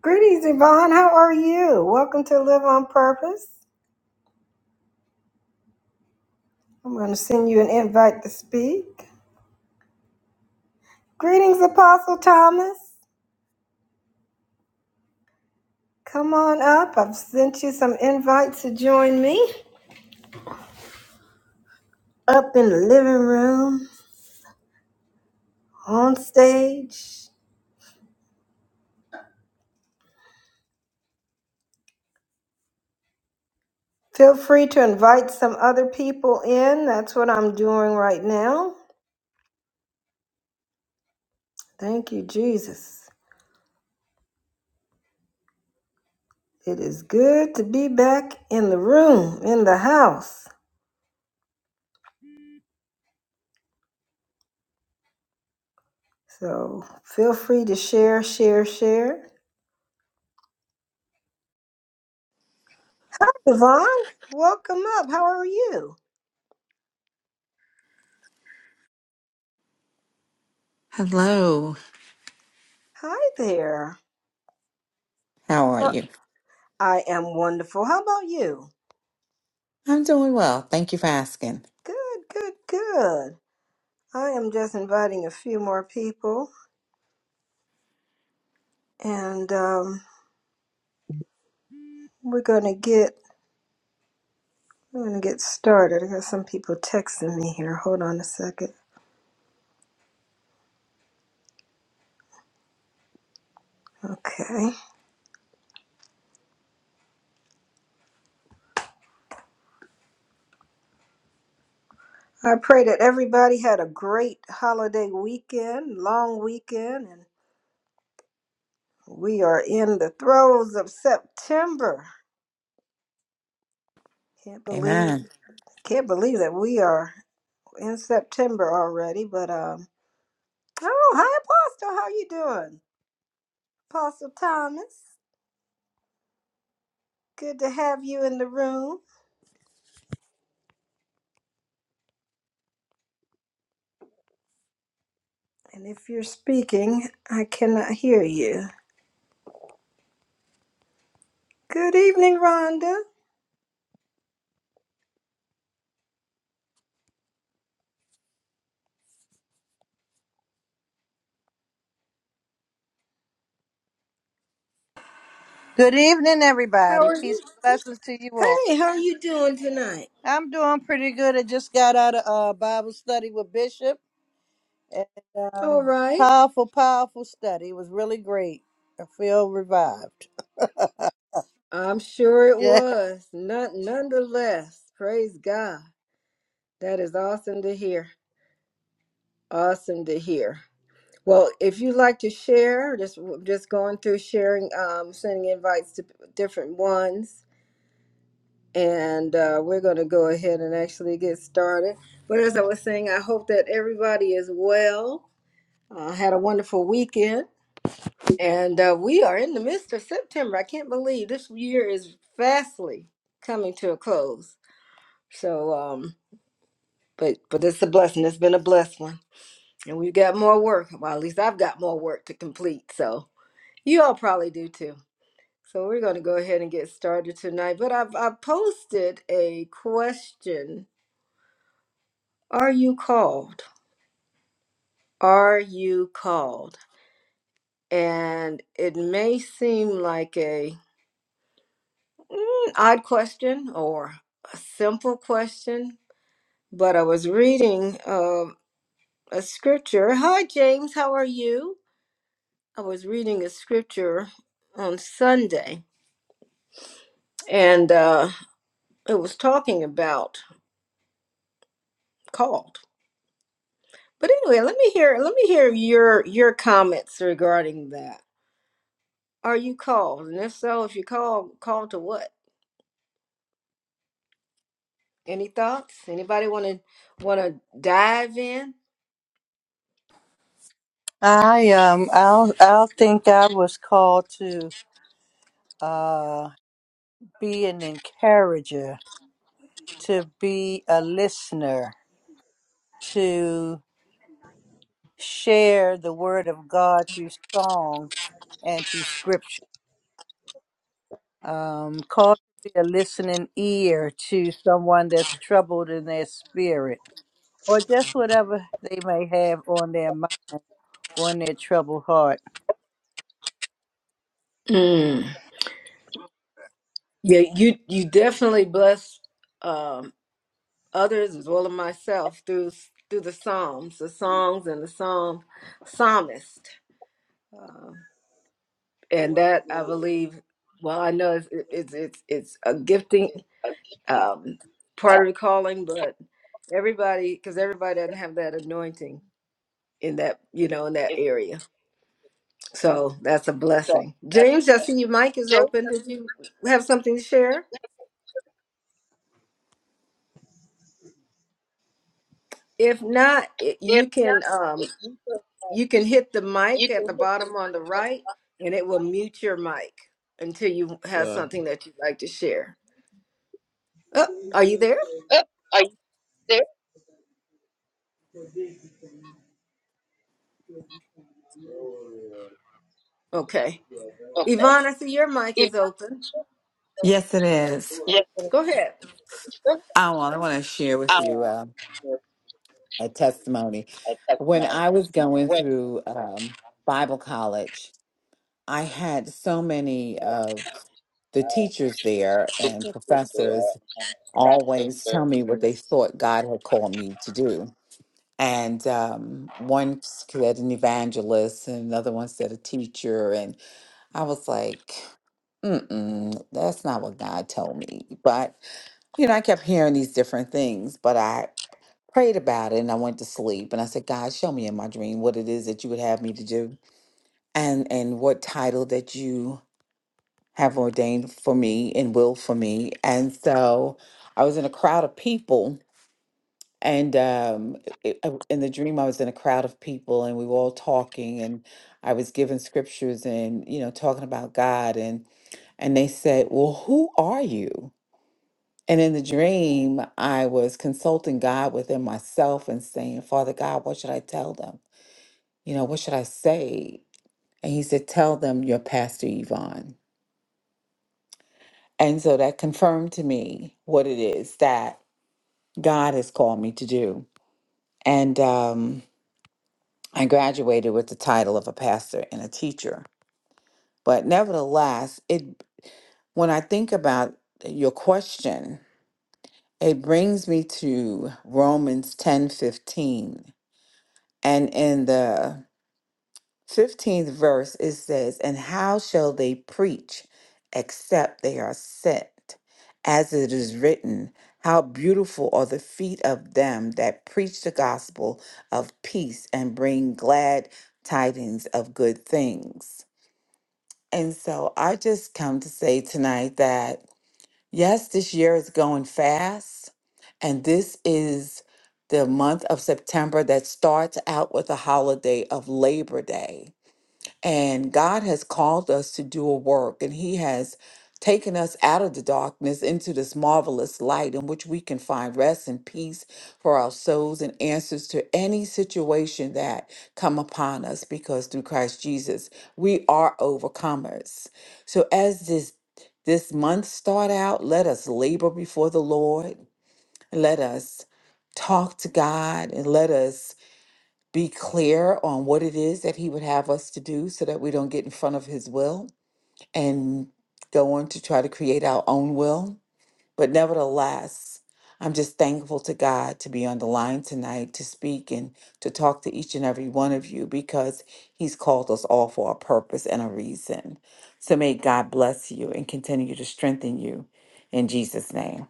Greetings, Yvonne. How are you? Welcome to Live on Purpose. I'm going to send you an invite to speak. Greetings, Apostle Thomas. Come on up. I've sent you some invites to join me up in the living room, on stage. Feel free to invite some other people in. That's what I'm doing right now. Thank you, Jesus. It is good to be back in the room, in the house. So feel free to share, share, share. Yvonne, welcome up. How are you? Hello. Hi there. How are Uh, you? I am wonderful. How about you? I'm doing well. Thank you for asking. Good, good, good. I am just inviting a few more people and um, we're gonna get we're gonna get started. I got some people texting me here. Hold on a second. Okay. I pray that everybody had a great holiday weekend, long weekend, and we are in the throes of September. Can't believe Amen. can't believe that we are. in September already, but um oh hi Apostle, how you doing? Apostle Thomas, good to have you in the room. And if you're speaking, I cannot hear you. Good evening, Rhonda. Good evening, How everybody. are Peace you? and blessings to you all. Hey, how are you doing tonight? I'm doing pretty good. I just got out of uh, Bible study with Bishop, and All um, right. powerful, powerful study. It was really great. I feel revived. I'm sure it Yeah, was. None nonetheless. Praise God. That is awesome to hear. Awesome to hear. Well, if you'd like to share, just just going through sharing, um, sending invites to different ones, and uh, we're going to go ahead and actually get started. But as I was saying, I hope that everybody is well. Uh, had a wonderful weekend, and uh, we are in the midst of September. I can't believe this year is fastly coming to a close. So, um, but but it's a blessing. It's been a blessed one, and we've got more work. Well, at least I've got more work to complete. So you all probably do too. So we're going to go ahead and get started tonight. But I've, I've posted a question Are you called? Are you called? And it may seem like a mm, odd question or a simple question, but I was reading um a scripture. Hi, James, how are you? I was reading a scripture on Sunday, and uh, it was talking about called. But anyway, let me hear let me hear your your comments regarding that. Are you called? And if so, if you call, called to what? Any thoughts? Anybody want to want to dive in? I um, I'll, I'll think I was called to uh, be an encourager, to be a listener, to share the word of God through song and through scripture. Um, call to be a listening ear to someone that's troubled in their spirit or just whatever they may have on their mind or in their troubled heart. Mm. Yeah, you you definitely bless um, others as well as myself through through the psalms, the songs, and the psalm psalmist, Um I and think that I believe. Well, I know it's it's it's, it's a gifting uh, keeping um, part up. of the calling, but Everybody, because everybody doesn't have that anointing in that, you know, in that If, area. So that's a so blessing. uh, James, I uh, see your mic is Jerry open. Did doesn't you have something to share? If not, it- If you not, can um it, you can uh, you can hit the mic you at can the hit the bottom on the mic right, and it will mute your mic until you have and uh, Yeah. something that you'd like to share. Oh, are you there? and Are you there? Okay. Okay. Yvonne, I see your mic If is open. Yes, it is. yes, Go ahead. I want, I want to share with I you uh, a testimony. I text When my I was going when through um, Bible college, I had so many of uh, uh, the teachers there the and teacher there professors and always tell that me what they thought God had called me to do. And um, one said an evangelist, and another one said a teacher. And I was like, Mm-mm, that's not what God told me. But, you know, I kept hearing these different things, but I prayed about it and I went to sleep and I said, God, show me in my dream what it is that you would have me to do and and what title that you have ordained for me and will for me. And so I was in a crowd of people and um, it, I- in the dream, I was in a crowd of people, and we were all talking, and I was given scriptures and you know talking about God, and and they said, "Well, who are you?" And in the dream, I was consulting God within myself and saying, "Father God, what should I tell them? You know, what should I say?" And He said, "Tell them you're Pastor Yvonne." And so that confirmed to me what it is that God has called me to do, and. um I graduated with the title of a pastor and a teacher. But nevertheless, it when I think about your question, it brings me to Romans 10 15, And in the 15th verse, it says, And how shall they preach except they are sent? As it is written, How beautiful are the feet of them that preach the gospel of peace and bring glad tidings of good things. And so I just come to say tonight that yes, this year is going fast. And this is the month of September that starts out with the holiday of Labor Day. And God has called us to do a work, and He has taken us out of the darkness into this marvelous light in which we can find rest and peace for our souls and answers to any situation that come upon us because through Christ Jesus we are overcomers. So as this this month start out, let us labor before the Lord. Let us talk to God and let us be clear on what it is that he would have us to do so that we don't get in front of his will and go on to try to create our own will. But nevertheless, I'm just thankful to God to be on the line tonight to speak and to talk to each and every one of you because he's called us all for a purpose and a reason. So may God bless you and continue to strengthen you in Jesus' name.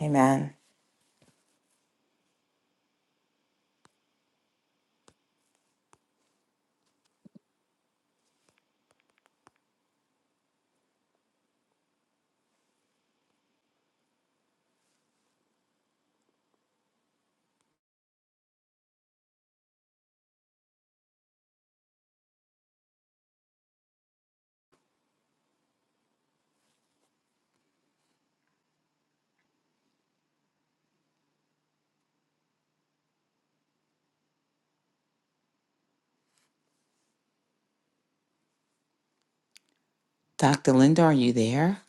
Amen. Dr. Linda, are you there?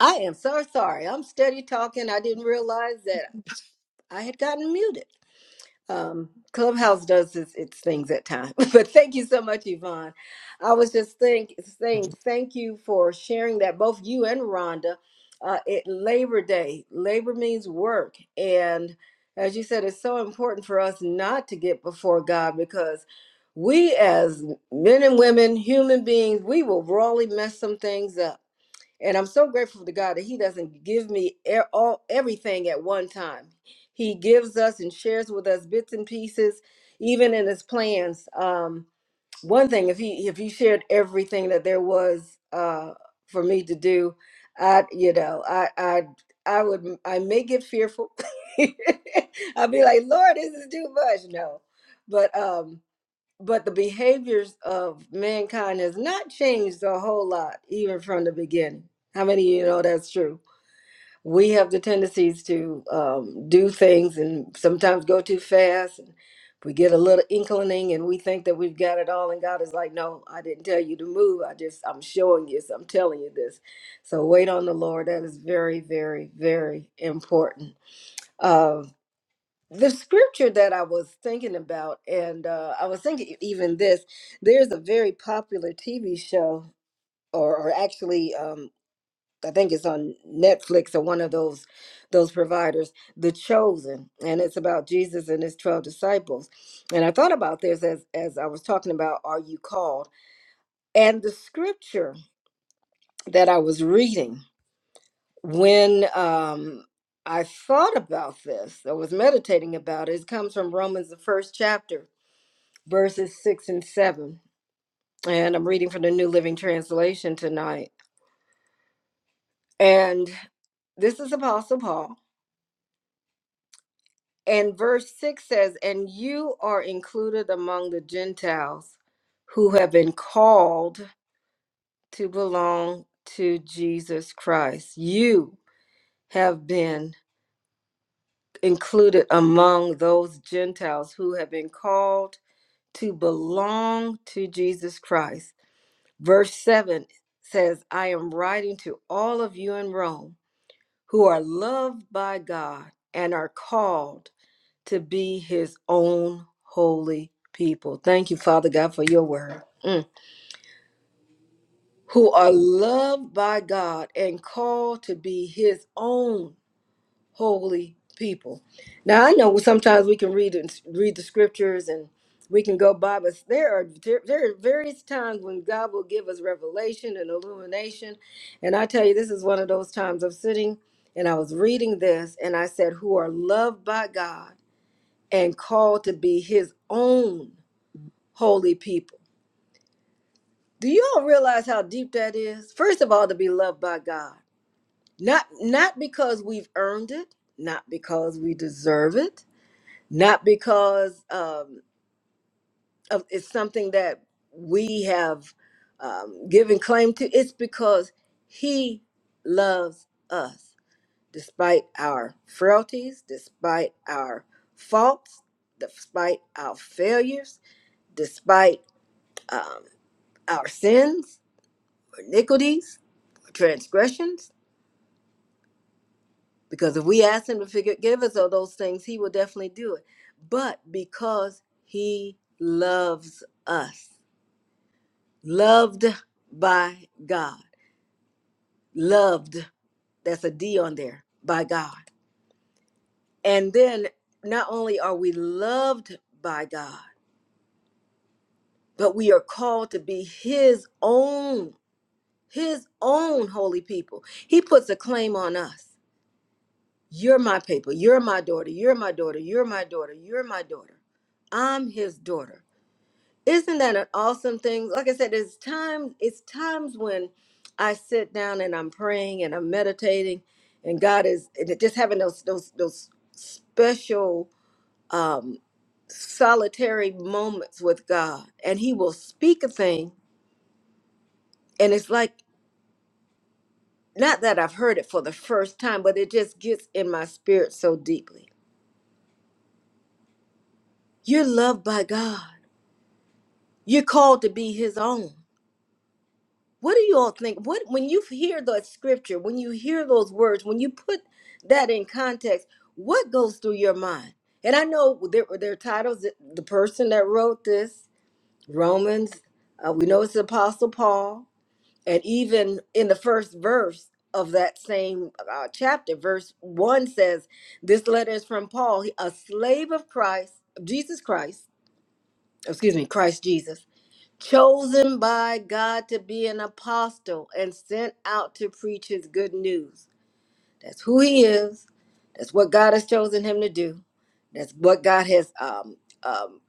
I am so sorry. I'm steady talking. I didn't realize that I had gotten muted. um, Clubhouse does its, its things at times. But thank you so much, Yvonne. I was just think, saying thank you for sharing that, both you and Rhonda. Uh, it Labor Day. Labor means work, and as you said, it's so important for us not to get before God because we, as men and women, human beings, we will really mess some things up and I'm so grateful to God that He doesn't give me e- all everything at one time. He gives us and shares with us bits and pieces, even in His plans. Um, one thing, if He if He shared everything that there was uh, for me to do, I you know I I I would I may get fearful. I'd be like, Lord, this is too much. No, but um, but the behaviors of mankind has not changed a whole lot even from the beginning how many of you know that's true we have the tendencies to um, do things and sometimes go too fast and we get a little inkling and we think that we've got it all and god is like no i didn't tell you to move i just i'm showing you so i'm telling you this so wait on the lord that is very very very important Um, the scripture that I was thinking about, and uh, I was thinking e, even this, there's a very popular TV show, or, or actually, um, I think it's on Netflix or one of those those providers, The Chosen, and it's about Jesus and his twelve disciples. And I thought about this as as I was talking about, are you called? And the scripture that I was reading when um, I thought about this, I was meditating about it. It comes from Romans, the first chapter verses 6 and 7. And I'm reading from the New Living Translation tonight. And this is Apostle Paul. And verse 6 says, And you are included among the Gentiles who have been called to belong to Jesus Christ. You have been included among those Gentiles who have been called to belong to Jesus Christ Verse 7 says, I am writing to all of you in Rome who are loved by God and are called to be his own holy people. Thank you, Father God, for your word. Mm. Who are loved by God and called to be his own holy people. Now I know sometimes we can read and read the scriptures and we can go by, but there are there are various times when God will give us revelation and illumination. And I tell you, this is one of those times of sitting and I was reading this and I said, "Who are loved by God and called to be His own holy people." Do you all realize how deep that is? First of all, to be loved by God, not not because we've earned it, not because we deserve it not because um, of, it's something that we have um, given claim to. It's because He loves us despite our frailties, despite our faults, despite our failures, despite our sins, iniquities, transgressions. Because if we ask Him to forgive us of those things, He will definitely do it. But because He loves us loved by God. Loved, that's a D on there, by God. And then not only are we loved by God, but we are called to be his own, his own holy people. He puts a claim on us. You're my people. You're my daughter. You're my daughter. You're my daughter. You're my daughter. I'm his daughter. Isn't that an awesome thing? Like I said, there's time it's times when I sit down and I'm praying and I'm meditating and God is and it just having those those those special um solitary moments with God and he will speak a thing and it's like not that I've heard it for the first time, but it just gets in my spirit so deeply. You're loved by God. You're called to be his own. What do you all think? What when you hear that scripture, when you hear those words, when you put that in context, what goes through your mind? And I know there there are titles. that- The person that wrote this, Romans, uh, we know it's the Apostle Paul, and even in the first verse of that same uh, chapter, verse one says, "This letter is from Paul, a slave of Christ, of Jesus Christ. Excuse me, Christ Jesus." chosen by God to be an apostle and sent out to preach his good news. That's who he is. That's what God has chosen him to do. That's what God has um um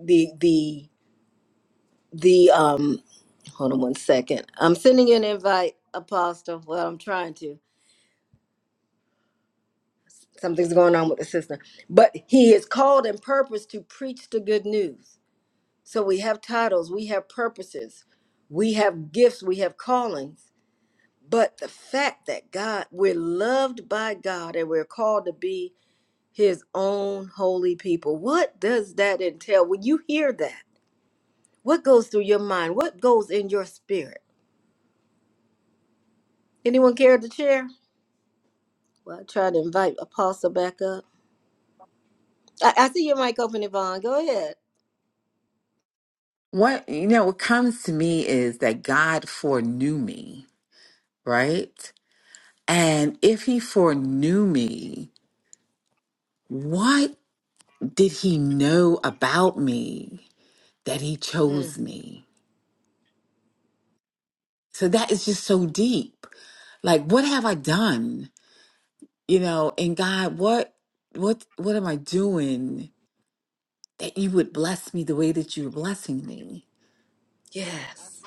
the the the um hold on one second. I'm sending you an invite, apostle. Well, I'm trying to. Something's going on with the system. But he is called and purposed to preach the good news. So we have titles, we have purposes, we have gifts, we have callings But the fact that God, we're loved by God and we're called to be his own holy people. What does that entail? When you hear that, what goes through your mind? What goes in your spirit? Anyone care to share? Well, I try to invite Apostle back up. I, I see your mic open, Yvonne. Go ahead. What, you know, what comes to me is that God foreknew me, right? And if he foreknew me, what did he know about me that he Mm, chose me? So that is just so deep. Like, what have I done? You know, and God, what, what, what am I doing that you would bless me the way that you're blessing me? yes.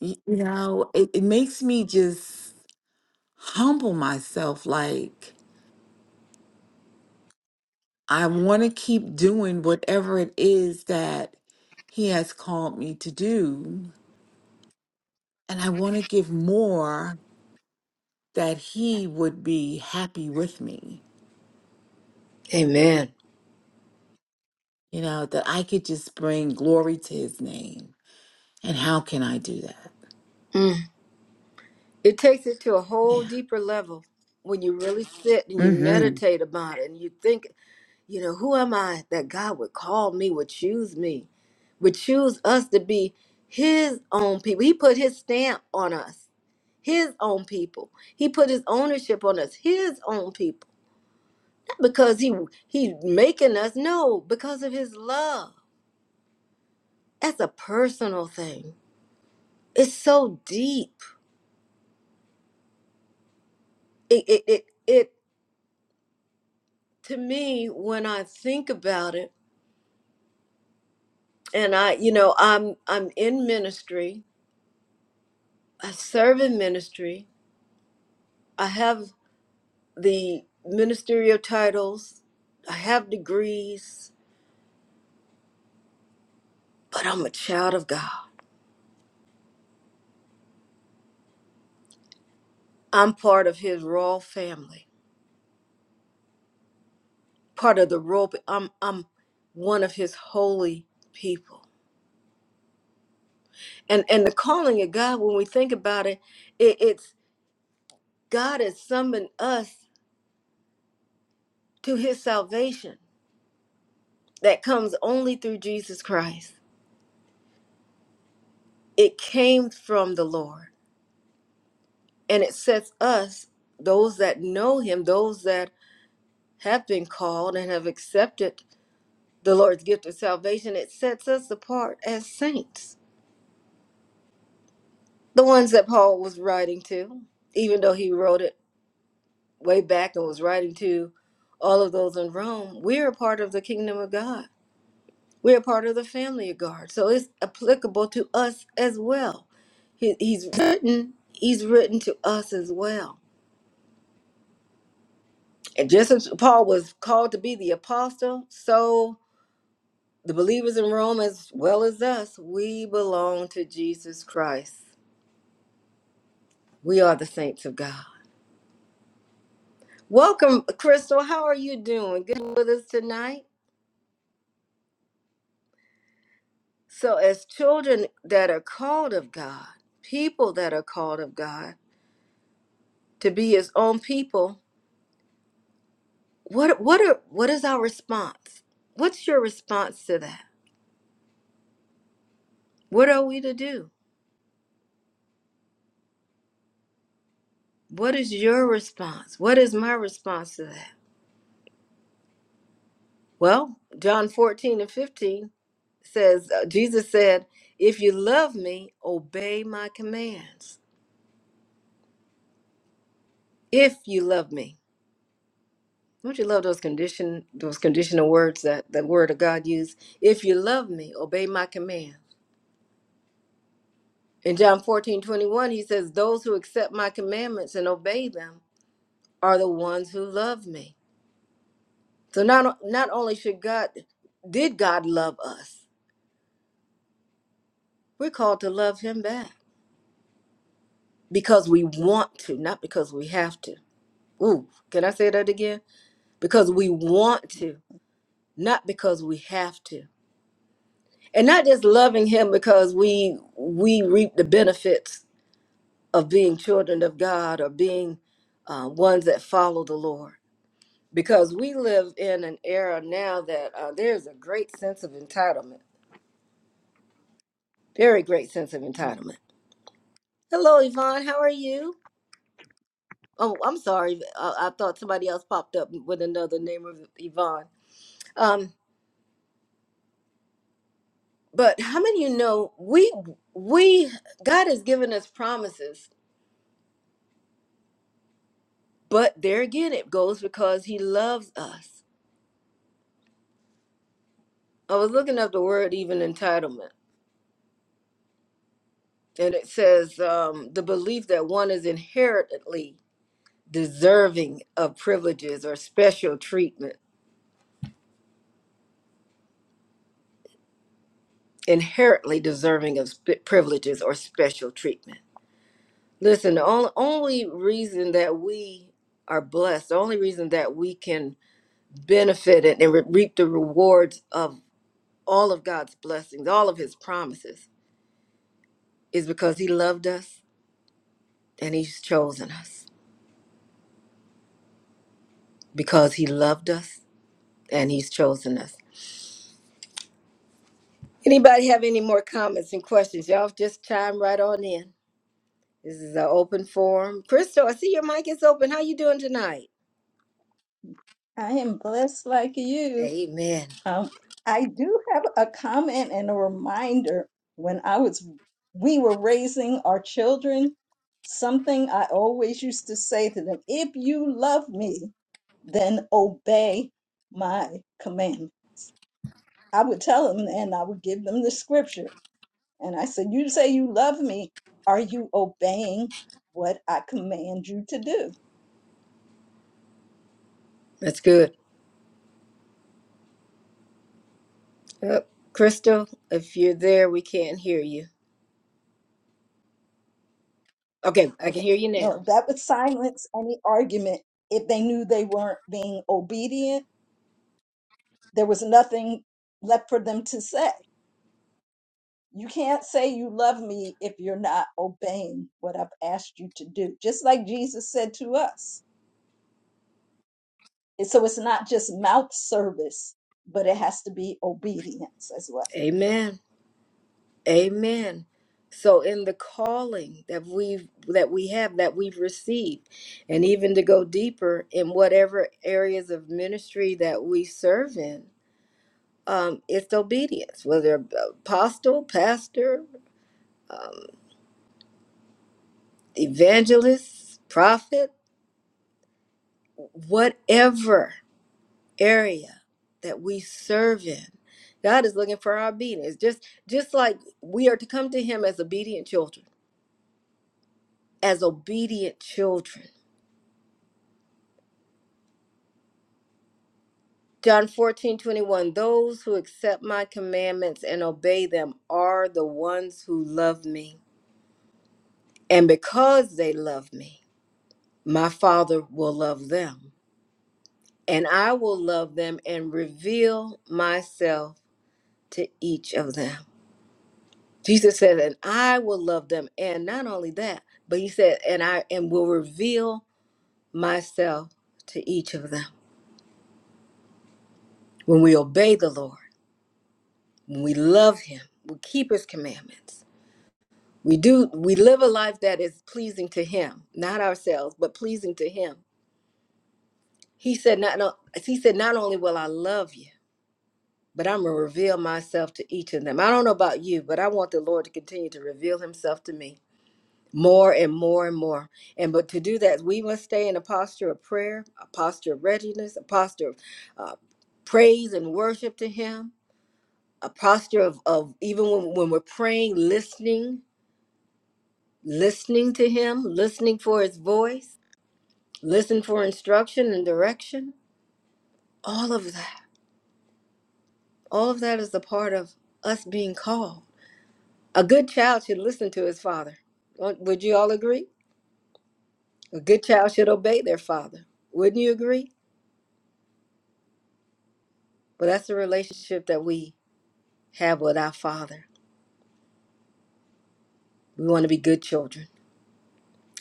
You, you know, it, it makes me just humble myself, like, I want to keep doing whatever it is that He has called me to do. And I want to give more that He would be happy with me, Amen. you know, that I could just bring glory to His name. And how can I do that? Mm. It takes it to a whole Yeah. deeper level when you really sit and you Mm hmm. meditate about it and you think. You know, who am I that God would call me, would choose me, would choose us to be his own people? He put his stamp on us, his own people. He put his ownership on us, his own people. Not because he he's making us, no, because of his love. That's a personal thing. It's so deep. It it it, it to me when I think about it, and I, you know, I'm I'm in ministry, I serve in ministry. I have the ministerial titles. I have degrees, but I'm a child of God. I'm part of his royal family, part of the royal I'm I'm one of his holy people. And and the calling of God, when we think about it, it it's God has summoned us to his salvation that comes only through Jesus Christ. It came from the Lord, and it sets us, those that know him, those that have been called and have accepted the Lord's gift of salvation, it sets us apart as saints. The ones that Paul was writing to, even though he wrote it way back and was writing to all of those in Rome, we're a part of the kingdom of God. We're a part of the family of God. So it's applicable to us as well. He, he's written, he's written to us as well. And just as Paul was called to be the apostle, so the believers in Rome as well as us, we belong to Jesus Christ We are the saints of God. Welcome, Crystal. How are you doing? Good with us tonight. So, as children that are called of God, people that are called of God to be His own people, what what are what is our response? What's your response to that? What are we to do? What is your response? What is my response to that? Well, John 14 and 15 says, uh, Jesus said, If you love me, obey my commands. If you love me. Don't you love those condition those conditional words that the word of God used? If you love me, obey my command. In John 14 21, he says, Those who accept my commandments and obey them are the ones who love me. So not not only should God did God love us, we're called to love him back because we want to, not because we have to. Ooh, can I say that again? Because we want to, not because we have to. and not just loving him because we we reap the benefits of being children of god or being uh, ones that follow the lord because we live in an era now that uh, there's a great sense of entitlement very great sense of entitlement hello yvonne how are you oh i'm sorry i, I thought somebody else popped up with another name of yvonne um, but how many of you know we we god has given us promises But there again, it goes because he loves us. I was looking up the word even entitlement, and it says um, the belief that one is inherently deserving of privileges or special treatment, inherently deserving of sp- privileges or special treatment. Listen, the only, only reason that we are blessed, the only reason that we can benefit and, and re- reap the rewards of all of God's blessings, all of his promises, is because he loved us and he's chosen us because he loved us and he's chosen us. Anybody have any more comments and questions? Y'all just chime right on in. This is an open forum. Crystal, I see your mic is open. How you doing tonight? I am blessed like you. Amen. Um, I do have a comment and a reminder. When I was, we were raising our children, something I always used to say to them: "If you love me, then obey my command." I would tell them, and I would give them the scripture, and I said, "You say you love me. Are you obeying what I command you to do?" That's good. Uh, Crystal, if you're there, we can't hear you. Okay, I can Okay. hear you now. No, that would silence any argument if they knew they weren't being obedient. There was nothing left for them to say. You can't say you love me if you're not obeying what I've asked you to do, just like Jesus said to us. And so it's not just mouth service, but it has to be obedience as well. Amen. Amen. So in the calling that we've that we have that we've received, and even to go deeper in whatever areas of ministry that we serve in, um, it's obedience. Whether apostle, pastor, evangelist, prophet, whatever area that we serve in, God is looking for our obedience. Just just like we are to come to Him as obedient children, as obedient children John 14 21. Those who accept my commandments and obey them are the ones who love me. And because they love me, my Father will love them. And I will love them and reveal myself to each of them. Jesus said, and I will love them. And not only that, but he said, and I and will reveal myself to each of them. When we obey the Lord, when we love him, we keep his commandments We do we live a life that is pleasing to him, not ourselves, but pleasing to him. He said not no, he said not only will I love you, but I'm going to reveal myself to each of them. I don't know about you, but I want the Lord to continue to reveal himself to me more and more and more. And but to do that, we must stay in a posture of prayer, a posture of readiness, a posture of uh, praise and worship to him, a posture of, of even when, when we're praying, listening, listening to him, listening for his voice listen for instruction and direction. All of that. All of that is the part of us being called. A good child should listen to his father. Won't- Would you all agree? A good child should obey their father. Wouldn't you agree? Well, that's the relationship that we have with our father. We want to be good children.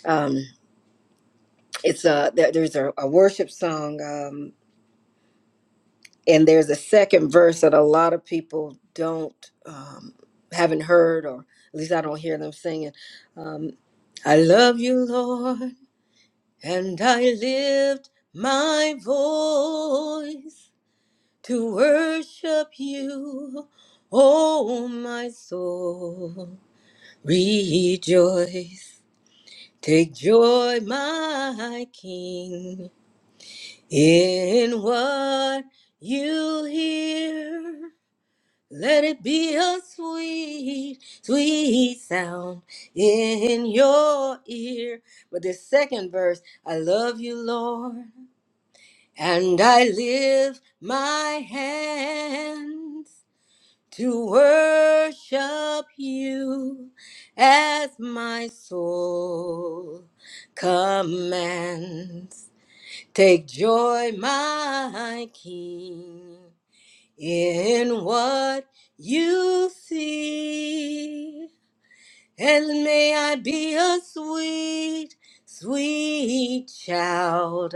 Um, it's a there, there's a, a worship song. Um, and there's a second verse that a lot of people don't um, haven't heard or at least i don't hear them singing um, i love you lord and i lift my voice to worship you oh my soul rejoice take joy my king in what you hear Let it be a sweet, sweet sound in your ear. But the second verse, I love you, Lord, and I lift my hands to worship you as my soul commands. Take joy, my King in what you see. And may I be a sweet, sweet child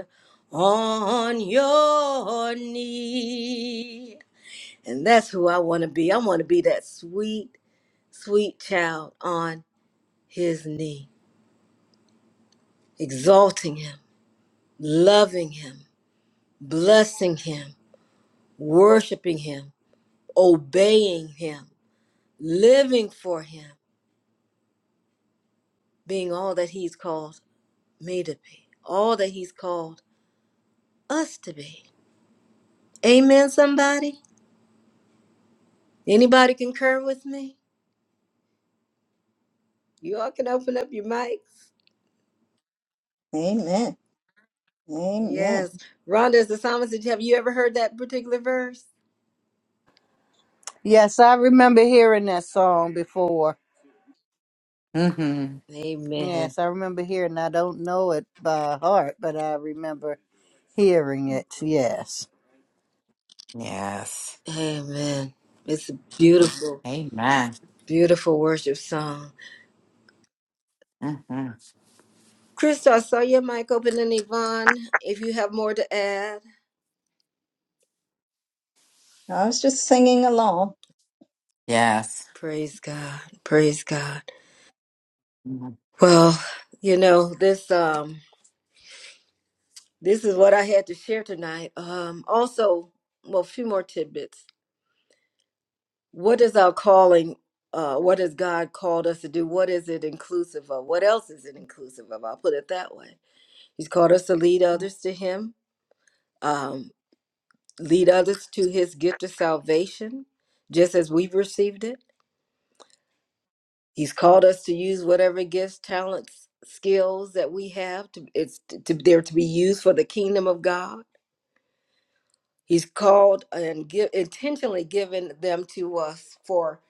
on your knee. And that's who I want to be. I want to be that sweet, sweet child on his knee, exalting him, loving him, blessing him, worshiping him, obeying him, living for him being all that He's called me to be, all that He's called us to be. Amen, somebody? Anybody concur with me? You all can open up your mics. Amen. Amen. Yes. Rhonda, as the psalmist, said, have you ever heard that particular verse? Yes, I remember hearing that song before. Mm hmm. Amen. Yes, I remember hearing. I don't know it by heart, but I remember hearing it. Yes, Yes. Amen. It's a beautiful, Amen. beautiful worship song. Mm hmm. Crystal, I saw your mic open, and Yvonne, if you have more to add. I was just singing along. Yes. Praise God. Praise God. Mhm. Well, you know, this um This is what I had to share tonight. Um, also, well, a few more tidbits. What is our calling? Uh, what has God called us to do? What is it inclusive of? What else is it inclusive of? I'll put it that way. He's called us to lead others to Him, um, lead others to His gift of salvation, just as we've received it. He's Mhm. called us to use whatever gifts, talents, skills that we have to it's to, to they're to be used for the kingdom of God. He's called and give, intentionally given them to us for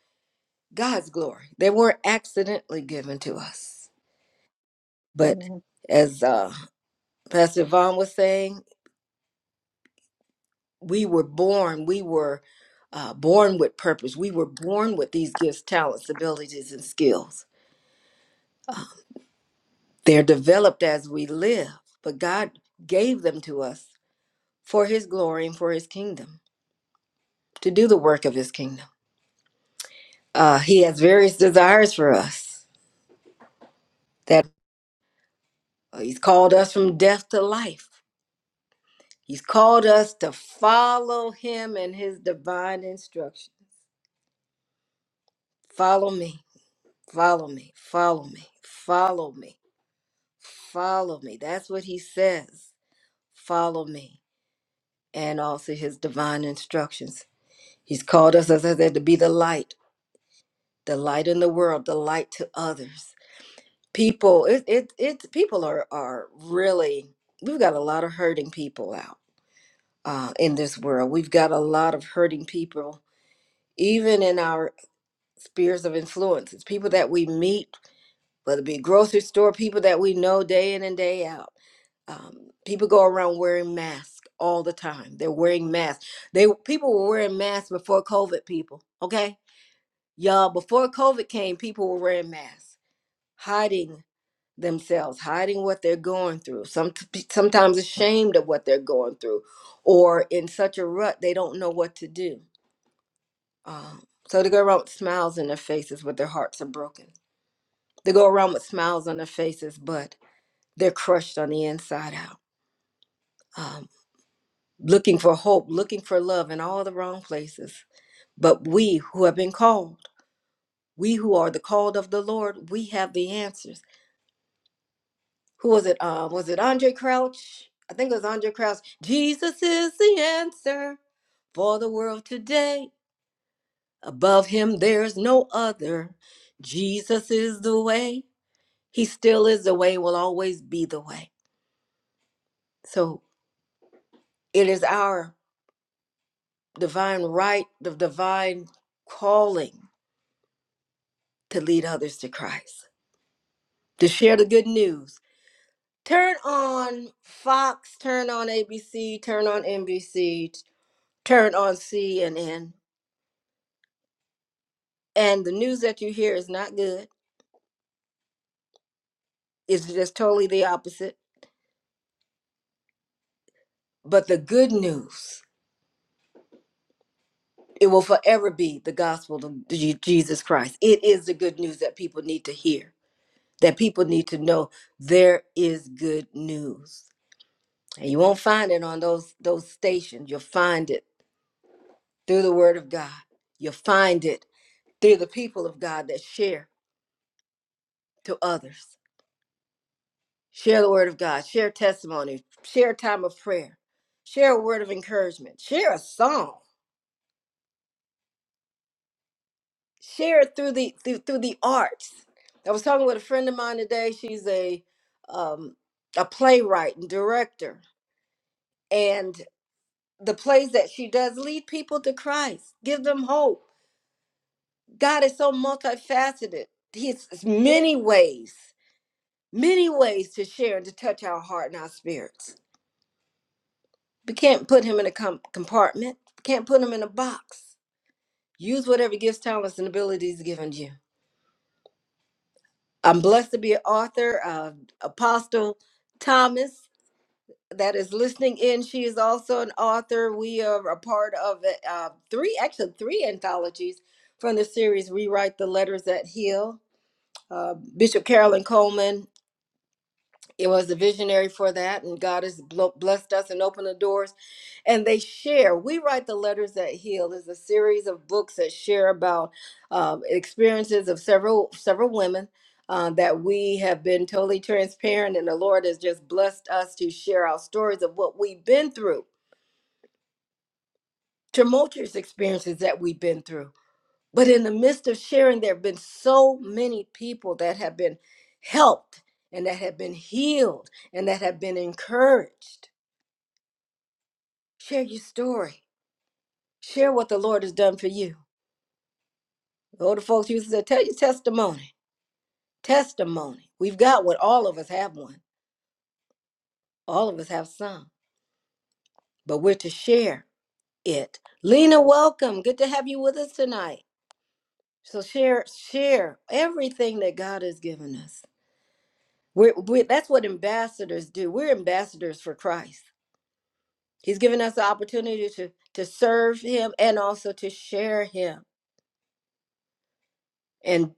God's glory. They weren't accidentally given to us. But Amen. as uh, Pastor Vaughn was saying, we were born, we were uh, born with purpose. We were born with these gifts, talents, abilities, and skills. They're developed as we live, but God gave them to us for His glory and for His kingdom, to do the work of His kingdom. Uh, he has various desires for us that. Uh, He's called us from death to life. He's called us to follow him and his divine instructions. Follow me, follow me, follow me, follow me, follow me. That's what he says. Follow me. And also his divine instructions. He's called us, as I said, to be the light, the light in the world, the light to others. People, it, it, it people are, are really, we've got a lot of hurting people out uh, in this world. We've got a lot of hurting people, even in our spheres of influence. It's people that we meet, whether it be grocery store, people that we know day in and day out. Um, people go around wearing masks all the time. They're wearing masks. They people were wearing masks before COVID. People, okay, y'all. Before COVID came, people were wearing masks, hiding themselves, hiding what they're going through. Some sometimes ashamed of what they're going through, or in such a rut they don't know what to do Um, so they go around with smiles on their faces, but their hearts are broken. They go around with smiles on their faces, but they're crushed on the inside out. Um, looking for hope, looking for love in all the wrong places. But we who have been called, we who are the called of the Lord, we have the answers. Who was it? Uh, was it Andre Crouch? I think it was Andre Crouch. Jesus is the answer for the world today. Above him, there's no other. Jesus is the way. He still is the way, will always be the way. So it is our divine right, the divine calling to lead others to Christ, to share the good news. Turn on Fox, turn on ABC, turn on NBC, turn on CNN. And the news that you hear is not good, it's just totally the opposite. But the good news, it will forever be the gospel of Je- Jesus Christ. It is the good news that people need to hear that people need to know there is good news. And you won't find it on those those stations. You'll find it through the word of God. You'll find it through the people of God that share to others. Share the word of God, share testimony, share a time of prayer, share a word of encouragement, share a song, share it through the through, through the arts. I was talking with a friend of mine today. She's a um, a playwright and director and the plays that she does lead people to Christ, give them hope. God is so multifaceted. He has many ways, many ways to share and to touch our heart and our spirits. We can't put him in a com- compartment, can't put him in a box. Use whatever gifts, talents, and abilities given you. I'm blessed to be an author, uh, Apostle Thomas. that is listening in. She is also an author. We are a part of uh, three, actually three anthologies from the series Rewrite the Letters That Heal. Uh, Bishop Carolyn Coleman it was a visionary for that, and God has blo- blessed us and opened the doors. And they share. We Write the Letters That Heal is a series of books that share about um, experiences of several several women uh, that we have been totally transparent, and the Lord has just blessed us to share our stories of what we've been through tumultuous experiences that we've been through. But in the midst of sharing, there have been so many people that have been helped and that have been healed and that have been encouraged. Share your story. Share what the Lord has done for you. The older folks used to say, tell your testimony. Testimony. We've got what all of us have one. All of us have some, but we're to share it. Lena, welcome. Good to have you with us tonight. So share, share everything that God has given us We're, we that's what ambassadors do. We're ambassadors for Christ. He's given us the opportunity to to serve Him and also to share Him. And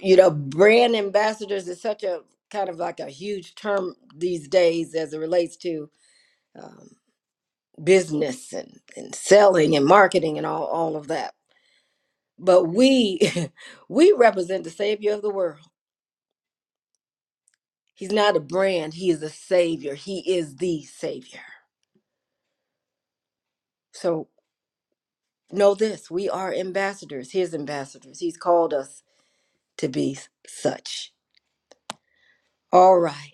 you know, brand ambassadors is such a kind of like a huge term these days as it relates to um, business and, and selling and marketing and all all of that. But we we represent the Savior of the world. He's not a brand. He is a Savior. He is the Savior. So Know this we are ambassadors, his ambassadors. He's called us to be such. All right.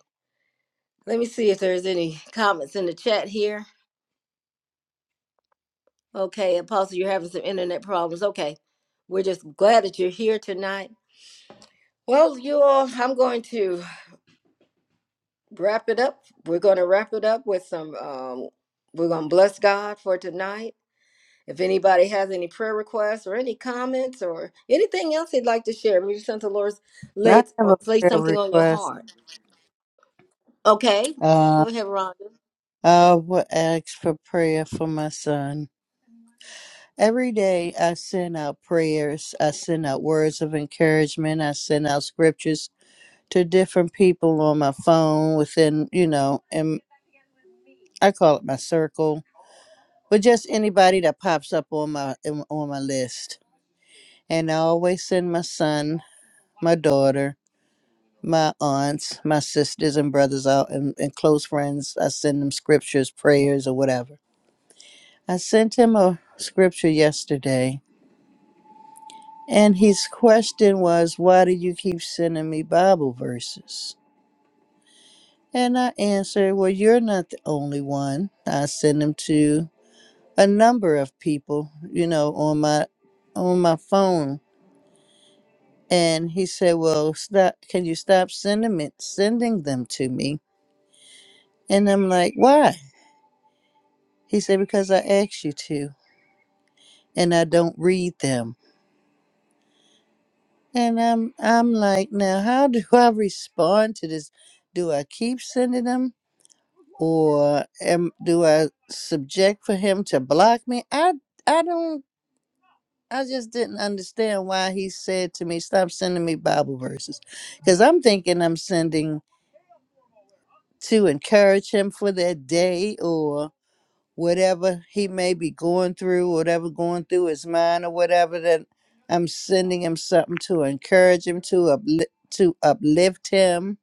Let me see if there's any comments in the chat here. Okay, Apostle, you're having some internet problems. Okay. We're just glad that you're here tonight. Well, you all, I'm going to wrap it up. We're going to wrap it up with some, um, we're going to bless God for tonight. If anybody has any prayer requests or any comments or anything else they'd like to share, maybe something the Lord's laid, I have a laid prayer something on your request. heart Okay, go Uh, ahead, Rhonda. I would ask for prayer for my son. Every day I send out prayers, I send out words of encouragement, I send out scriptures to different people on my phone within, you know, and I call it my circle, but just anybody that pops up on my in- on my list. And I always send my son, my daughter, my aunts, my sisters and brothers out and, and close friends. I send them scriptures, prayers or whatever. I sent him a scripture yesterday And his question was, Why do you keep sending me Bible verses? And I answered, Well, you're not the only one. I send them to a number of people, you know, on my on my phone. And he said, Well, stop can you stop sending it sending them to me? And I'm like, Why? He said, Because I asked you to and I don't read them. And I'm I'm like, now how do I respond to this? Do I keep sending them? or am do I subject for him to block me? I I don't. I just didn't understand why he said to me, "Stop sending me Bible verses," because I'm thinking I'm sending to encourage him for that day or whatever he may be going through, whatever going through his mind or whatever. That I'm sending him something to encourage him to upli- to uplift him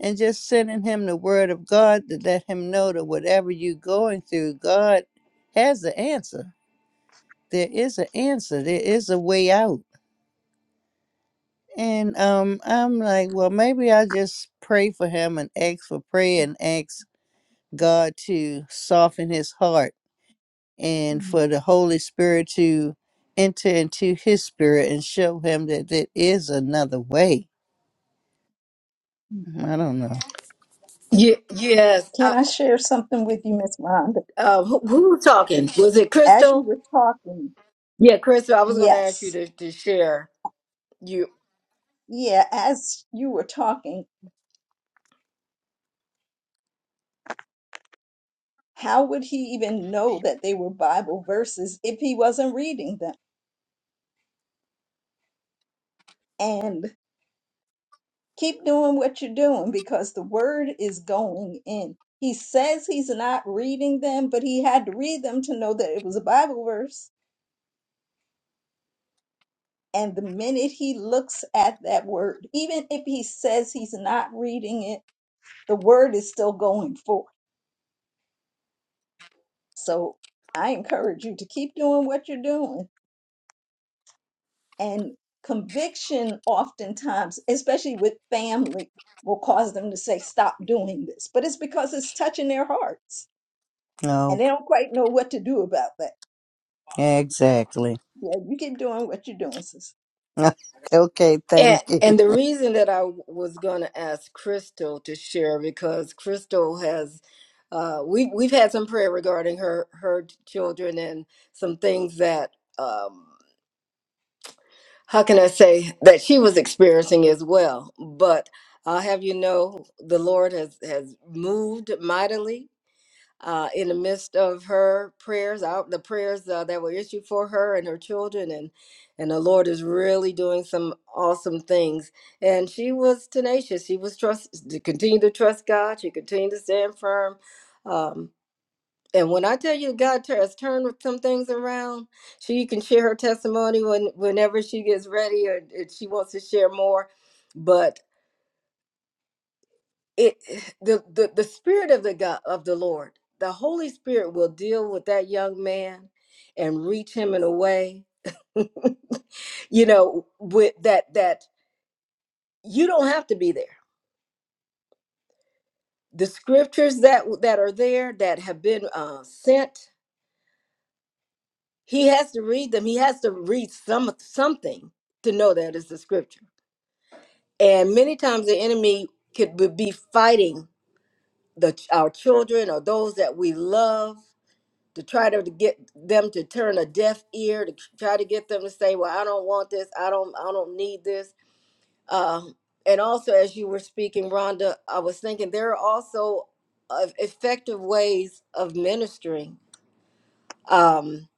and just sending him the word of God to let him know that whatever you're going through, God has the answer. There is an answer. There is a way out. And um, I'm like, well, maybe I just pray for him and ask for prayer and ask God to soften his heart and Mhm. for the Holy Spirit to enter into his spirit and show him that there is another way. I don't know. Yeah, yes. Can I, I share something with you, Miss Rhonda? uh, who, who was talking? Was it As you Crystal? were talking, Yeah, Crystal. I was going to ask you yes, to, to share you, yeah, as you were talking, how would he even know that they were Bible verses if he wasn't reading them? And Keep doing what you're doing because the word is going in. He says he's not reading them, but he had to read them to know that it was a Bible verse. And the minute he looks at that word, even if he says he's not reading it, the word is still going forth. So I encourage you to keep doing what you're doing. And conviction, oftentimes, especially with family, will cause them to say, Stop doing this. But it's because it's touching their hearts and they Okay, don't quite know what to do about that. exactly. Yeah, you keep doing what you're doing, sis. okay, and thank you. and the reason that I was going to ask Crystal to share because Crystal has, uh, we we've had some prayer regarding her her children and some things that um, how can I say that she was experiencing as well. But I'll have you know, the Lord has has moved mightily uh, in the midst of her prayers, out the prayers uh, that were issued for her and her children, and and the Lord is really doing some awesome things. And she was tenacious. She was trust to continue to trust God. She continued to stand firm. Um, and when I tell you God tur- has turned some things around, she can share her testimony when whenever she gets ready or if she wants to share more. But it the, the the spirit of the god of the lord the holy spirit will deal with that young man and reach him in a way you know with that that you don't have to be there the scriptures that that are there that have been uh, sent he has to read them he has to read some something to know that it's the scripture and many times the enemy could be be fighting the our children or those that we love to try to get them to turn a deaf ear to try to get them to say well i don't want this i don't i don't need this um, and also as you were speaking rhonda i was thinking there are also uh, effective ways of ministering um,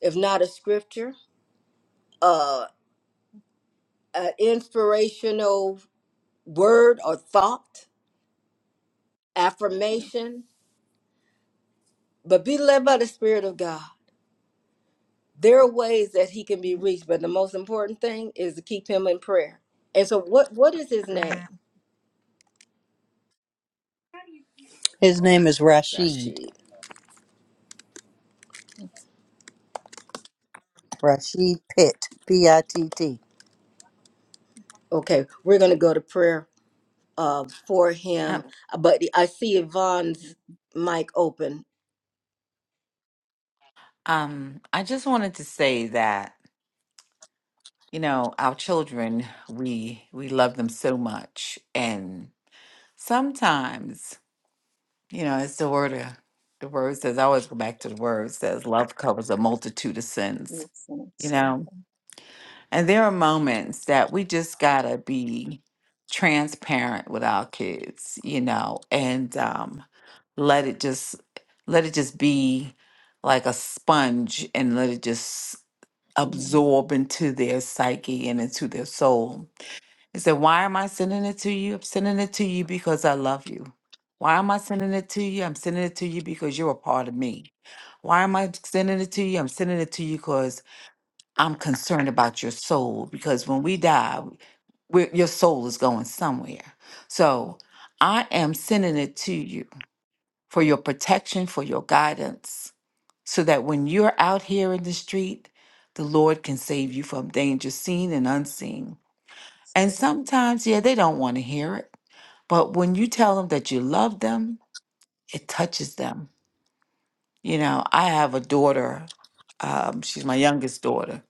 if not a scripture uh, an inspirational word or thought affirmation but be led by the spirit of god there are ways that he can be Mhm. reached, but the most important thing is to keep him in prayer. And so, what what is his name? His name is Rashid. Rashid. Rashid Pitt. P I T T. Okay, we're gonna go to prayer uh, for Um, him. uh, But I see Yvonne's mic open. um, I just wanted to say that. you know our children we we love them so much and sometimes you know it's the word of, the word says i always go back to the word It says love covers a multitude of sins You'll soon you stay. know and there are moments that we just gotta be transparent with our kids you know and um let it just let it just be like a sponge and let it just Mhm. absorb into their psyche and into their soul he said, Why am I sending it to you? I'm sending it to you because I love you. Why am I sending it to you? I'm sending it to you because you're a part of me. Why am I sending it to you? I'm sending it to you because I'm concerned about your soul. Because when we die, we your soul is going somewhere. So I am sending it to you for your protection, for your guidance, so that when you're out here in the street, the Lord can save you from danger seen and unseen. That's And good. sometimes, yeah, they don't want to hear it. But when you tell them that you love them, it touches them. You know, I have a daughter. Um, she's my youngest daughter.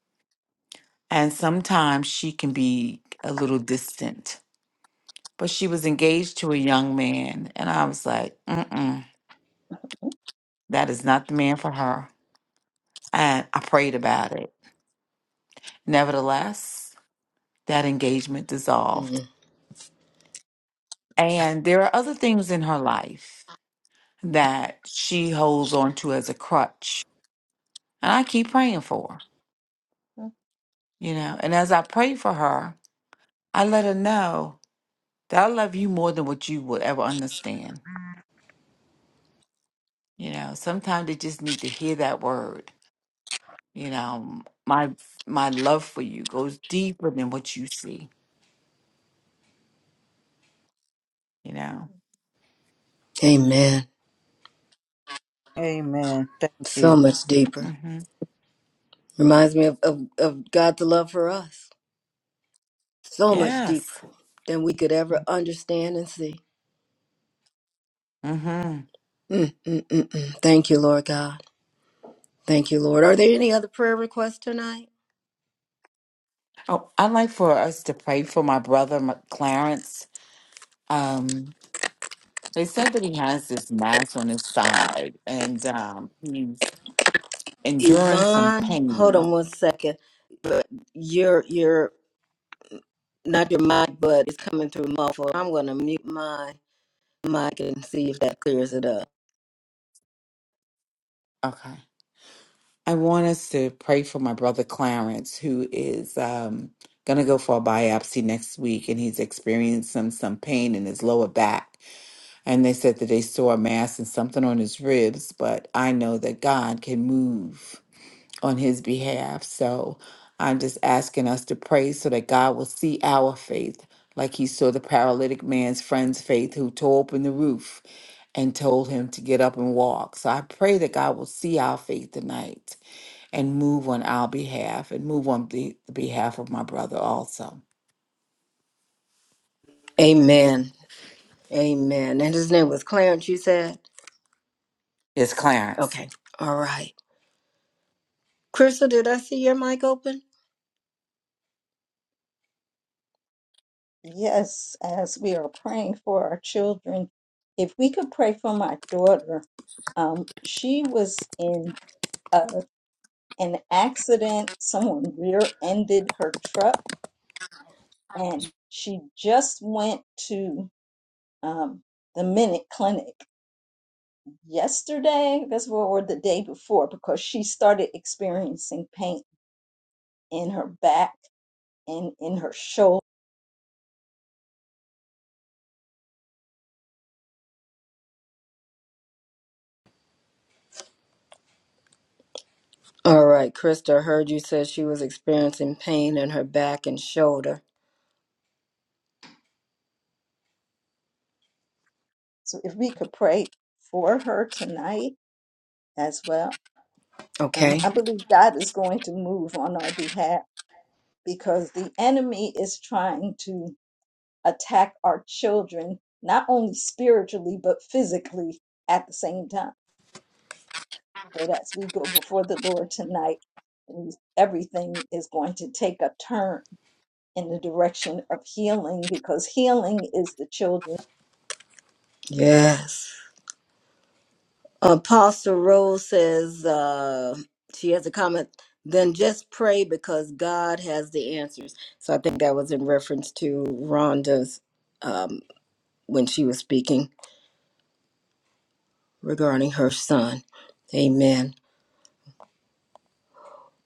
And sometimes she can be a little distant. But she was engaged to a young man. And I was like, mm-mm, Mhm. that is not the man for her. And I prayed about it. Nevertheless, that engagement dissolved. Mm. And there are other things in her life that she holds on to as a crutch. And I keep praying for her, you know. And as I pray for her, I let her know that I love you more than what you would ever understand. You know, sometimes they just need to hear that word. You know, my my love for you goes deeper than what you see. You know. Amen. Amen. Thank So you. much deeper. hmm Reminds me of, of, of God's love for us. So much Yes. deeper than we could ever understand and see. hmm Mm, mm, mm, mm. Thank you, Lord God. Thank you, Lord. Are there any other prayer requests tonight? Oh, I like for us to pray for my brother, my- Clarence. Um, They said that he has this mass on his side and um, he's enduring some Yvonne, hold pain. on one second. But Your your not your mic, but it's coming through muffled. I'm gonna mute my mic and see if that clears it up. Okay. I want us to pray for my brother Clarence, who is um, going to go for a biopsy next week, and he's experiencing some, some pain in his lower back. And they said that they saw a mass and something on his ribs, but I know that God can move. on his behalf. So I'm just asking us to pray so that God will see our faith, like he saw the paralytic man's friend's faith who tore open the roof and told him to get up and walk. So I pray that God will see our faith tonight and move on our behalf and move on the, the behalf of my brother also. Amen. Amen. And his name was Clarence, you said? It's Clarence. Okay. All right. Crystal, did I see your mic open? Yes, as we are praying for our children, if we could pray for my daughter, um, she was in uh, an accident. Someone rear-ended her truck, and she just went to um, the Minute Clinic yesterday. That's what, or the day before, because she started experiencing pain in her back and in her shoulder. All right, Krista heard you said she was experiencing pain in her back and shoulder. So if we could pray for her tonight as well. Um, Okay. I believe God is going to move on our behalf because the enemy is trying to attack our children, not only spiritually, but physically at the same time. But as we go before the Lord tonight, we- everything is going to take a turn in the direction of healing because healing is the children. Yes. Apostle Rose says uh, she has a comment. Then just pray because God has the answers. So I think that was in reference to Rhonda's um, when she was speaking regarding her son. Amen.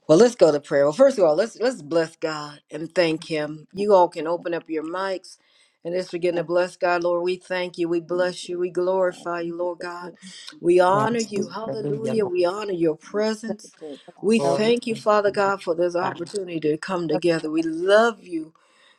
Well, let's go to prayer. Well, first of all, let's let's bless God and thank Him. You all can open up your mics and let's begin to Thank bless God, Lord. We thank you, we you. bless you, we God. glorify Thank you, you Lord for God. healing. Thank you We for honor Yes. you, Hallelujah, Hallelujah. healing. We honor your Thank presence. We Lord. Glory thank you, to Father God, for this opportunity to come together. We love you.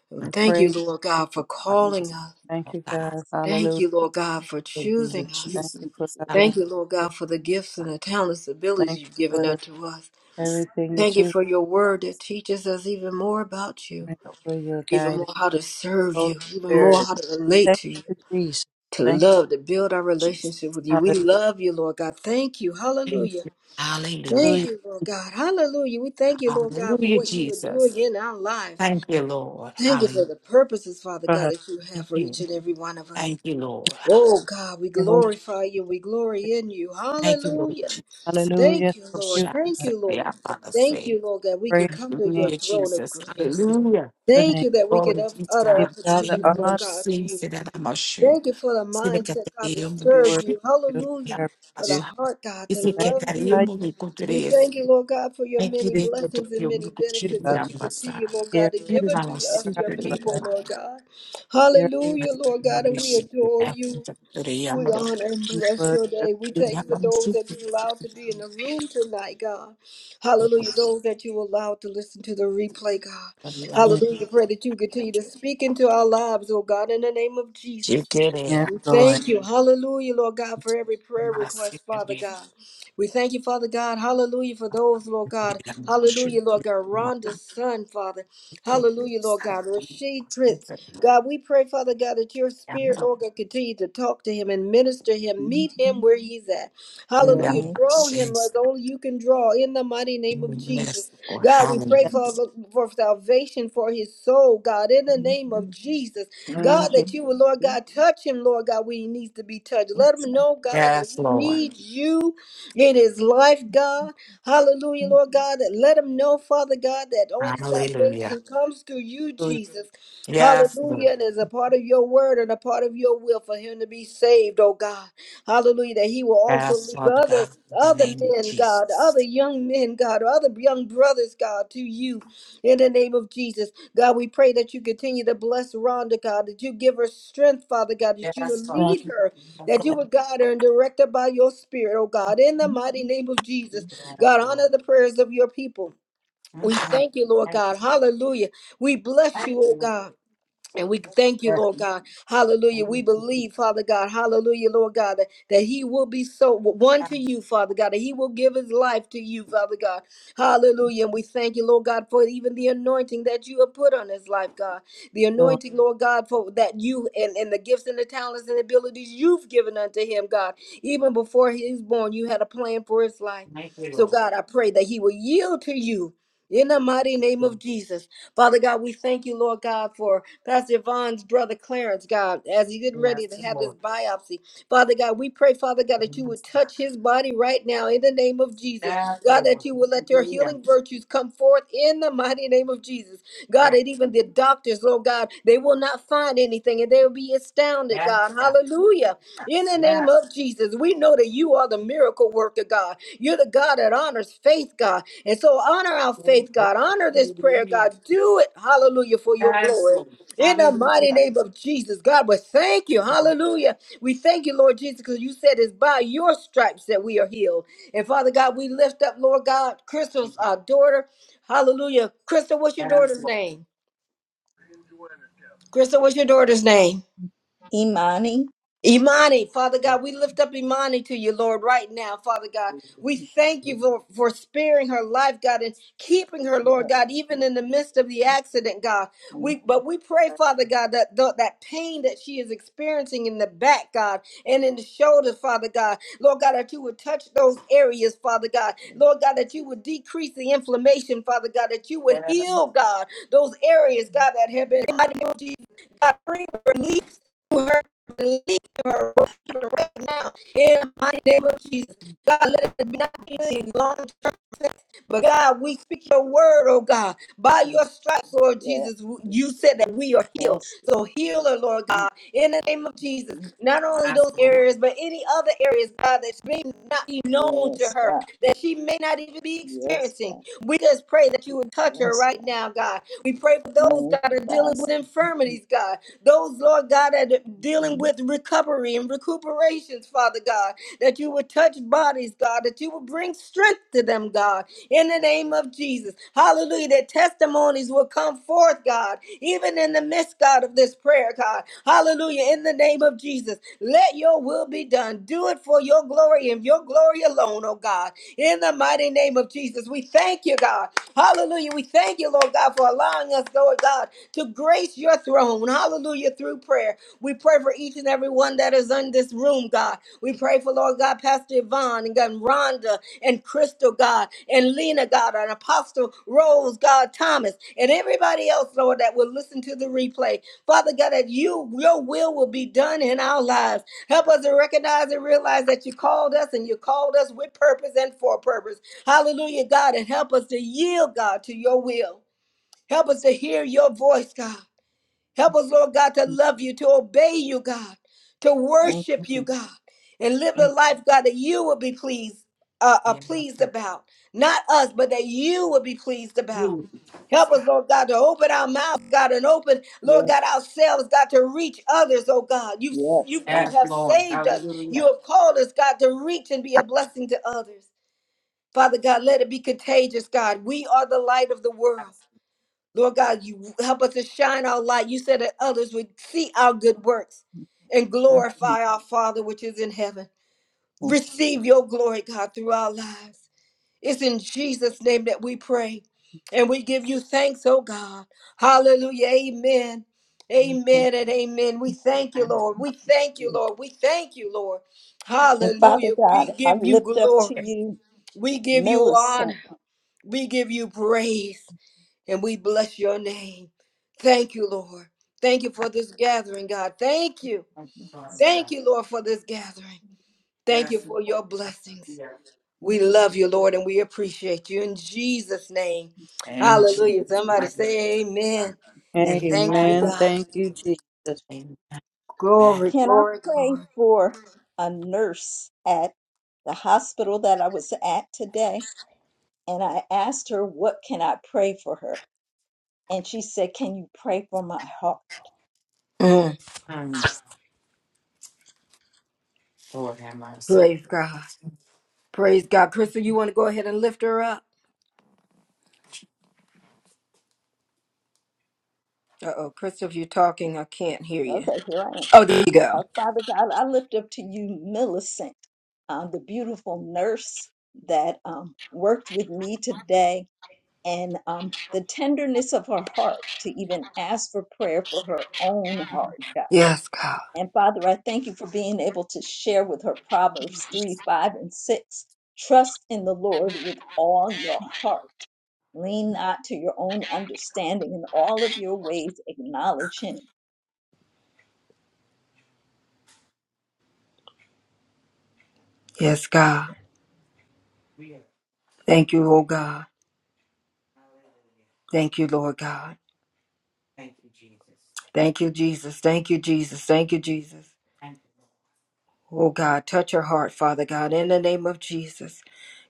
And We Thank you, praise. Lord God, for you calling us. Thank you, God. God. Thank Hallelujah. you, Lord God, for Hallelujah, choosing us. Thank Jesus. you for loving for Thank healing. you, Hallelujah, Lord us. God, for the gifts and the talents, abilities Thank you you've given for the, unto us. everything Thank that you you for your word that teaches us even more about you, thank you for your even guidance. more how to serve Holy you, even more Spirit. how to relate Thank to you, you, Jesus. to Thank you. love, to build our Jesus. relationship with you. We Hallelujah. love you, Lord God. Thank you. Thank Hallelujah. you. Hallelujah. Thank you, Lord God. Hallelujah. We thank you, Lord God, for Hallelujah, what you are Jesus. doing in our lives. Thank you, Lord. Thank you Hallelujah. for the purposes, Father Father. God, Thank that you Thank have for each you. and every one of us. Thank you, Lord. Oh, God, we you, Holy glorify you. We glory Spirit. in you. Thank you, Lord Hallelujah. Jesus. Hallelujah. Thank Thank you, Oh, Lord. you. shout, Thank God. say, you, yeah, Lord. I'm about to Thank say. you, Lord, that we could Praise come to your your name. Hallelujah, throne of Jesus. grace. Jesus. Hallelujah. Your Thank name. you that we can Glory up- to utter We our Give God. Say, God you petitions, the know, Lord honor. God, to sing, you. say that I'm a shoe. Thank you for the Say that get mindset, God, the to air, I'm We a serve worship shoe. you. you. We Say that Hallelujah. I'm reverence a For the you. shoe. heart, God, to Is it get love that air, you. Magnify I'm a good We dress. thank you, Lord God, for your Thank you, many you, they go to Jesus. blessings and you, I'm a many good You shoe, benefits are that you I'm a shoe. continue, Lord God, Here, to Say give that I'm unto a here us, shoe, I your people, pray. I'm a shoe. Lord God. Here Hallelujah, Lord God, and we adore I you. We honor and bless your worship. day. We thank you for those that you allowed to be in the room tonight, God. Hallelujah. Those that you allowed to listen to the replay, God. you. Hallelujah. Pray that you continue to speak into our lives, oh God, in the name of Jesus. Yes, We Lord. thank you. Hallelujah, Lord God, for every prayer request, Father God. We thank you, Father God. Hallelujah, for those, Lord God. Hallelujah, Lord God. Rhonda's son, Father. Hallelujah, Lord God. Rashid Prince. God, we pray, Father God, that your spirit, Lord God, continue to talk to him and minister him. Thank Meet you. him where he's at. Yes, Hallelujah. Thank Draw you. him as only you can draw in the mighty name of Jesus. God, we pray yes. for, for salvation for his soul, God, in the name of Jesus. Name God, Jesus. that you will, Lord God, touch him, Lord God, where he needs to be touched. Let him know, God, that Yes, he Lord. needs you in his life, God. Hallelujah, Lord God. That let him know, Father God, that only Hallelujah. salvation comes through you, Thank you, Jesus. Yes, Lord. Hallelujah. And as a part of your word and a part of your will for him to be saved, oh God. Hallelujah. That he will also Yes, leave Father other God, in the other name of men, God, Jesus. other young men, God, other young brothers, God, to you in the name of Jesus. God, we pray that you continue to bless Rhonda, God, that you give her strength, Father God, that you Yes, would Father. lead her, Yes, that you Lord. would guide her and direct her by your spirit, oh God, in the mighty name of Jesus. Yes, God, Lord. honor the prayers of your people. We thank you, Lord God. Mhm. Hallelujah. We bless you, oh God. And we thank you, yes, Lord God. Hallelujah. We believe, Father God. Hallelujah, Lord God, that, that he will be so one to you, Father God, that he will give his life to you, Father God. Hallelujah. And we thank you, Lord God, for even the anointing that you have put on his life, God. The Lord. anointing, Lord God, for that you and, and the gifts and the talents and abilities you've given unto him, God. Even before he was born, you had a plan for his life. So, God, I pray that he will yield to you in the mighty name of Jesus. Father God, we thank you, Lord God, for Pastor Yvonne's brother Clarence, God, as he's getting ready to have this biopsy. Father God, we pray, Father God, that you would touch his body right now in the name of Jesus. God, that you would let your healing virtues come forth in the mighty name of Jesus. God, that even the doctors, Lord God, they will not find anything and they will be astounded, God. Hallelujah. In the name of Jesus, we know that you are the miracle worker, God. You're the God that honors faith, God. And so honor our faith, God. Honor this prayer, God. Do it, hallelujah, for your glory. In the mighty name of Jesus, God, we thank you, hallelujah. We thank you, Lord Jesus, because you said it's by your stripes that we are healed. And Father God, we lift up, Lord God, Crystal's our daughter, hallelujah. Crystal, what's your daughter's name? Crystal, what's your daughter's name? Imani. Imani, Father God, we lift up Imani to you, Lord, right now, Father God. We thank you for, for sparing her life, God, and keeping her, Lord Yeah, God, even in the midst of the accident, God. We but we pray, Father God, that the, that pain that she is experiencing in the back, God, and in the shoulder, Father God, Lord God, that you would touch those areas, Father God, Lord God, that you would decrease the inflammation, Father God, that you would heal, God, those areas, God, that have been God, bring relief to her give her give her rest now in the mighty name of Jesus. God, let it not be any long term effects, but God, we speak your word, oh God. By your stripes, Lord Jesus, you said that we are healed. So heal her, Lord God, in the name of Jesus. Not only those areas, but any other areas, God, that may not be known to Yes, yes, her, God. that she may not even be Yes, experiencing. God. We just pray that you would touch her Yes, right God. now, God. We pray for those, God, Thank that you, are dealing Father. with infirmities, God. Those, Lord God, that are dealing with recovery and recuperations, Father God, that you would touch bodies, God, that you would bring strength to them, God, in the name of Jesus. Hallelujah. That testimonies will come forth, God, even in the midst, God, of this prayer, God. Hallelujah. In the name of Jesus, let your will be done. Do it for your glory and your glory alone, oh God. In the mighty name of Jesus, we thank you, God. Hallelujah. We thank you, Lord God, for allowing us, Lord God to grace your throne. Hallelujah. Through prayer. We pray for each and every one that is in this room, God. We pray for Lord God, Pastor Yvonne and God, Rhonda and Crystal, God, and Lena, God, and Apostle Rose, God, Thomas, and everybody else, Lord, that will listen to the replay. Father God, that you, your will will be done in our lives. Help us to recognize and realize that you called us and you called us with purpose and for a purpose. Hallelujah, God, and help us to yield, God, to your will. Help us to hear your voice, God. Help us, Lord God, to love you, to obey you, God, to Thank worship you, you. God, and live the Thank life, God, that you will be pleased, uh, uh, pleased about. Not us, but that you will be pleased about. Help us, Lord God, to open our mouth, God, and open, Lord you. Yes, God, ourselves, God, to reach others, oh God. You yes, you God. have saved us. You have called us, God, to reach and be a blessing to others. Father God, let it be contagious, God. We are the light of the world. Lord God, you help us to shine our light. You said that others would see our good works and Thank you. glorify our Father which is in heaven. Receive your glory, God, through our lives. It's in Jesus' name that we pray. And we give you thanks, oh God. Hallelujah. Amen. thank you. Amen and amen. We thank you, Lord. We thank you, Lord. We thank you, Lord. And Father Hallelujah. God, We I give you lift up to glory. you We give you Millicent. honor. We give you praise and we bless your name. Thank you, Lord. Thank you for this gathering, God. Thank you. Thank you, Lord, for this gathering. Thank you for your blessings. We love you, Lord, and we appreciate you in Jesus' name. And Hallelujah. Jesus, Somebody mighty say amen. And name. thank you, Amen. Amen. Um, God. Thank you, Jesus. Glory, Amen. Can I glory, pray glory. for a nurse at the hospital that I was at today? And I asked her, What can I pray for her? And she said, Can you pray for my heart? Mm. Mm, Lord have mercy. Praise God. Praise God. Crystal, you want to go ahead and lift her up? Uh oh, Crystal, if you're talking, I can't hear you. Okay, here I am. Oh, there you Uh, go. Father God, I lift up to you Millicent, um, the beautiful nurse that um, worked with me today and um, the tenderness of her heart to even ask for prayer for her own heart, God. Yes, God. And Father, I thank you for being able to share with her Proverbs 3, 5, and 6. Trust in the Lord with all your heart. Lean not to your own understanding. In all of your ways, acknowledge him. Yes, God. We are. Thank you, oh God. Hallelujah. Thank you, Lord God. Thank you, Jesus. Thank you, Jesus. Thank you, Jesus. Thank you, Jesus. Thank you. Oh God, touch her heart, Father God, in the name of Jesus.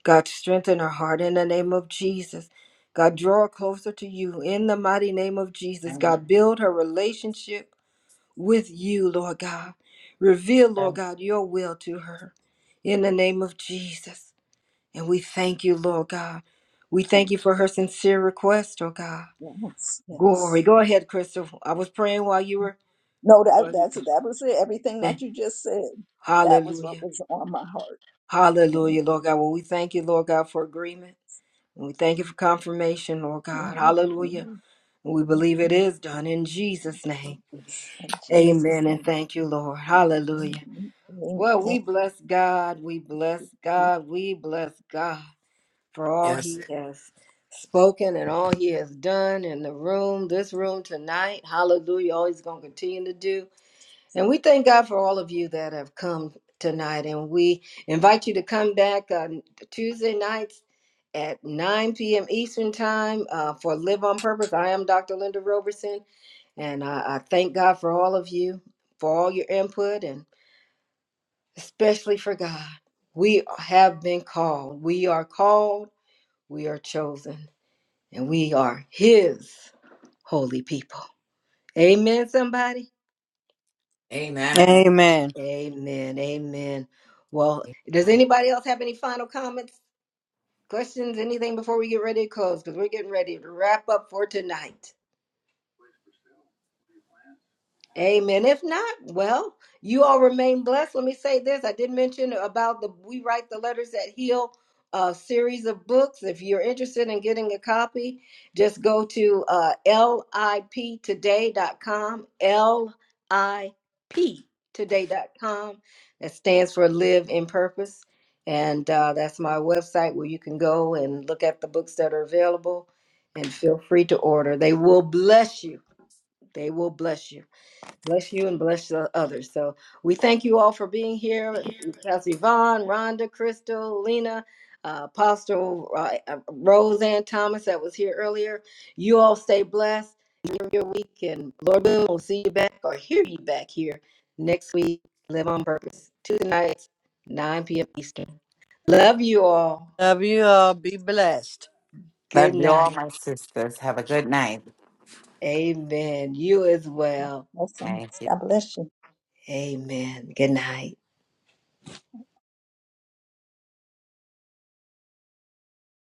God, strengthen her heart in the name of Jesus. God, draw her closer to you in the mighty name of Jesus. Thank God, build her relationship with you, Lord God. Reveal, Lord you. God, your will to her in the name of Jesus. And we thank you, Lord God. We thank Thank you you, for God. her sincere request, oh God. Yes, Glory. yes. Go Thank ahead, Crystal. I was praying while you were No, that, Lord that's, God. that was it. Everything that Thank- you just said, that was what Hallelujah. was on my heart. Hallelujah, Lord God. Well, we thank you, Lord God, for agreement. And we thank you for confirmation, Lord God. Hallelujah. And, And we believe it is done in Jesus' name. Jesus. In Jesus' Amen. And name. thank you, Lord. Amen. Hallelujah. Amen. Well, we Amen. bless God. We bless Keep God. We bless God for all Yes. he has spoken and all he has done in the room, this room tonight. Hallelujah. All he's going to continue to do. And we thank God for all of you that have come tonight. And we invite you to come back on Tuesday nights at 9 p.m. Eastern Time uh, for Live on Purpose. I am Dr. Linda Roberson. And I, I thank God for all of you, for all your input, and especially for God. We have been called. We are called. We are chosen. And we are His holy people. Amen, somebody. Amen. Amen. Amen. Amen. Well, does anybody else have any final comments, questions, anything before we get ready to close? Because we're getting ready to wrap up for tonight. Amen. If not, well, you all remain blessed. Let me say this. I did mention about the We Write the Letters That Heal uh, series of books. If you're interested in getting a copy, just go to uh, lip today dot com. lip today dot com. That stands for Live in Purpose. And uh, that's my website where you can go and look at the books that are available and feel free to order. They will bless you. They will bless you. Bless you and bless the others. So we thank you all for being here. Pastor Yvonne, Rhonda, Crystal, Lena, uh, Apostle uh, uh, Roseanne Thomas that was here earlier. You all stay blessed. Enjoy your week and Lord willing, we'll see you back or hear you back here next week. Live on purpose. Tuesday nights, 9 p.m. Eastern. Love you all. Love you all. Be blessed. Good Love you all, night. my sisters. Have a good night. Amen. You as well. us and Thank you. establish. Amen. Good night.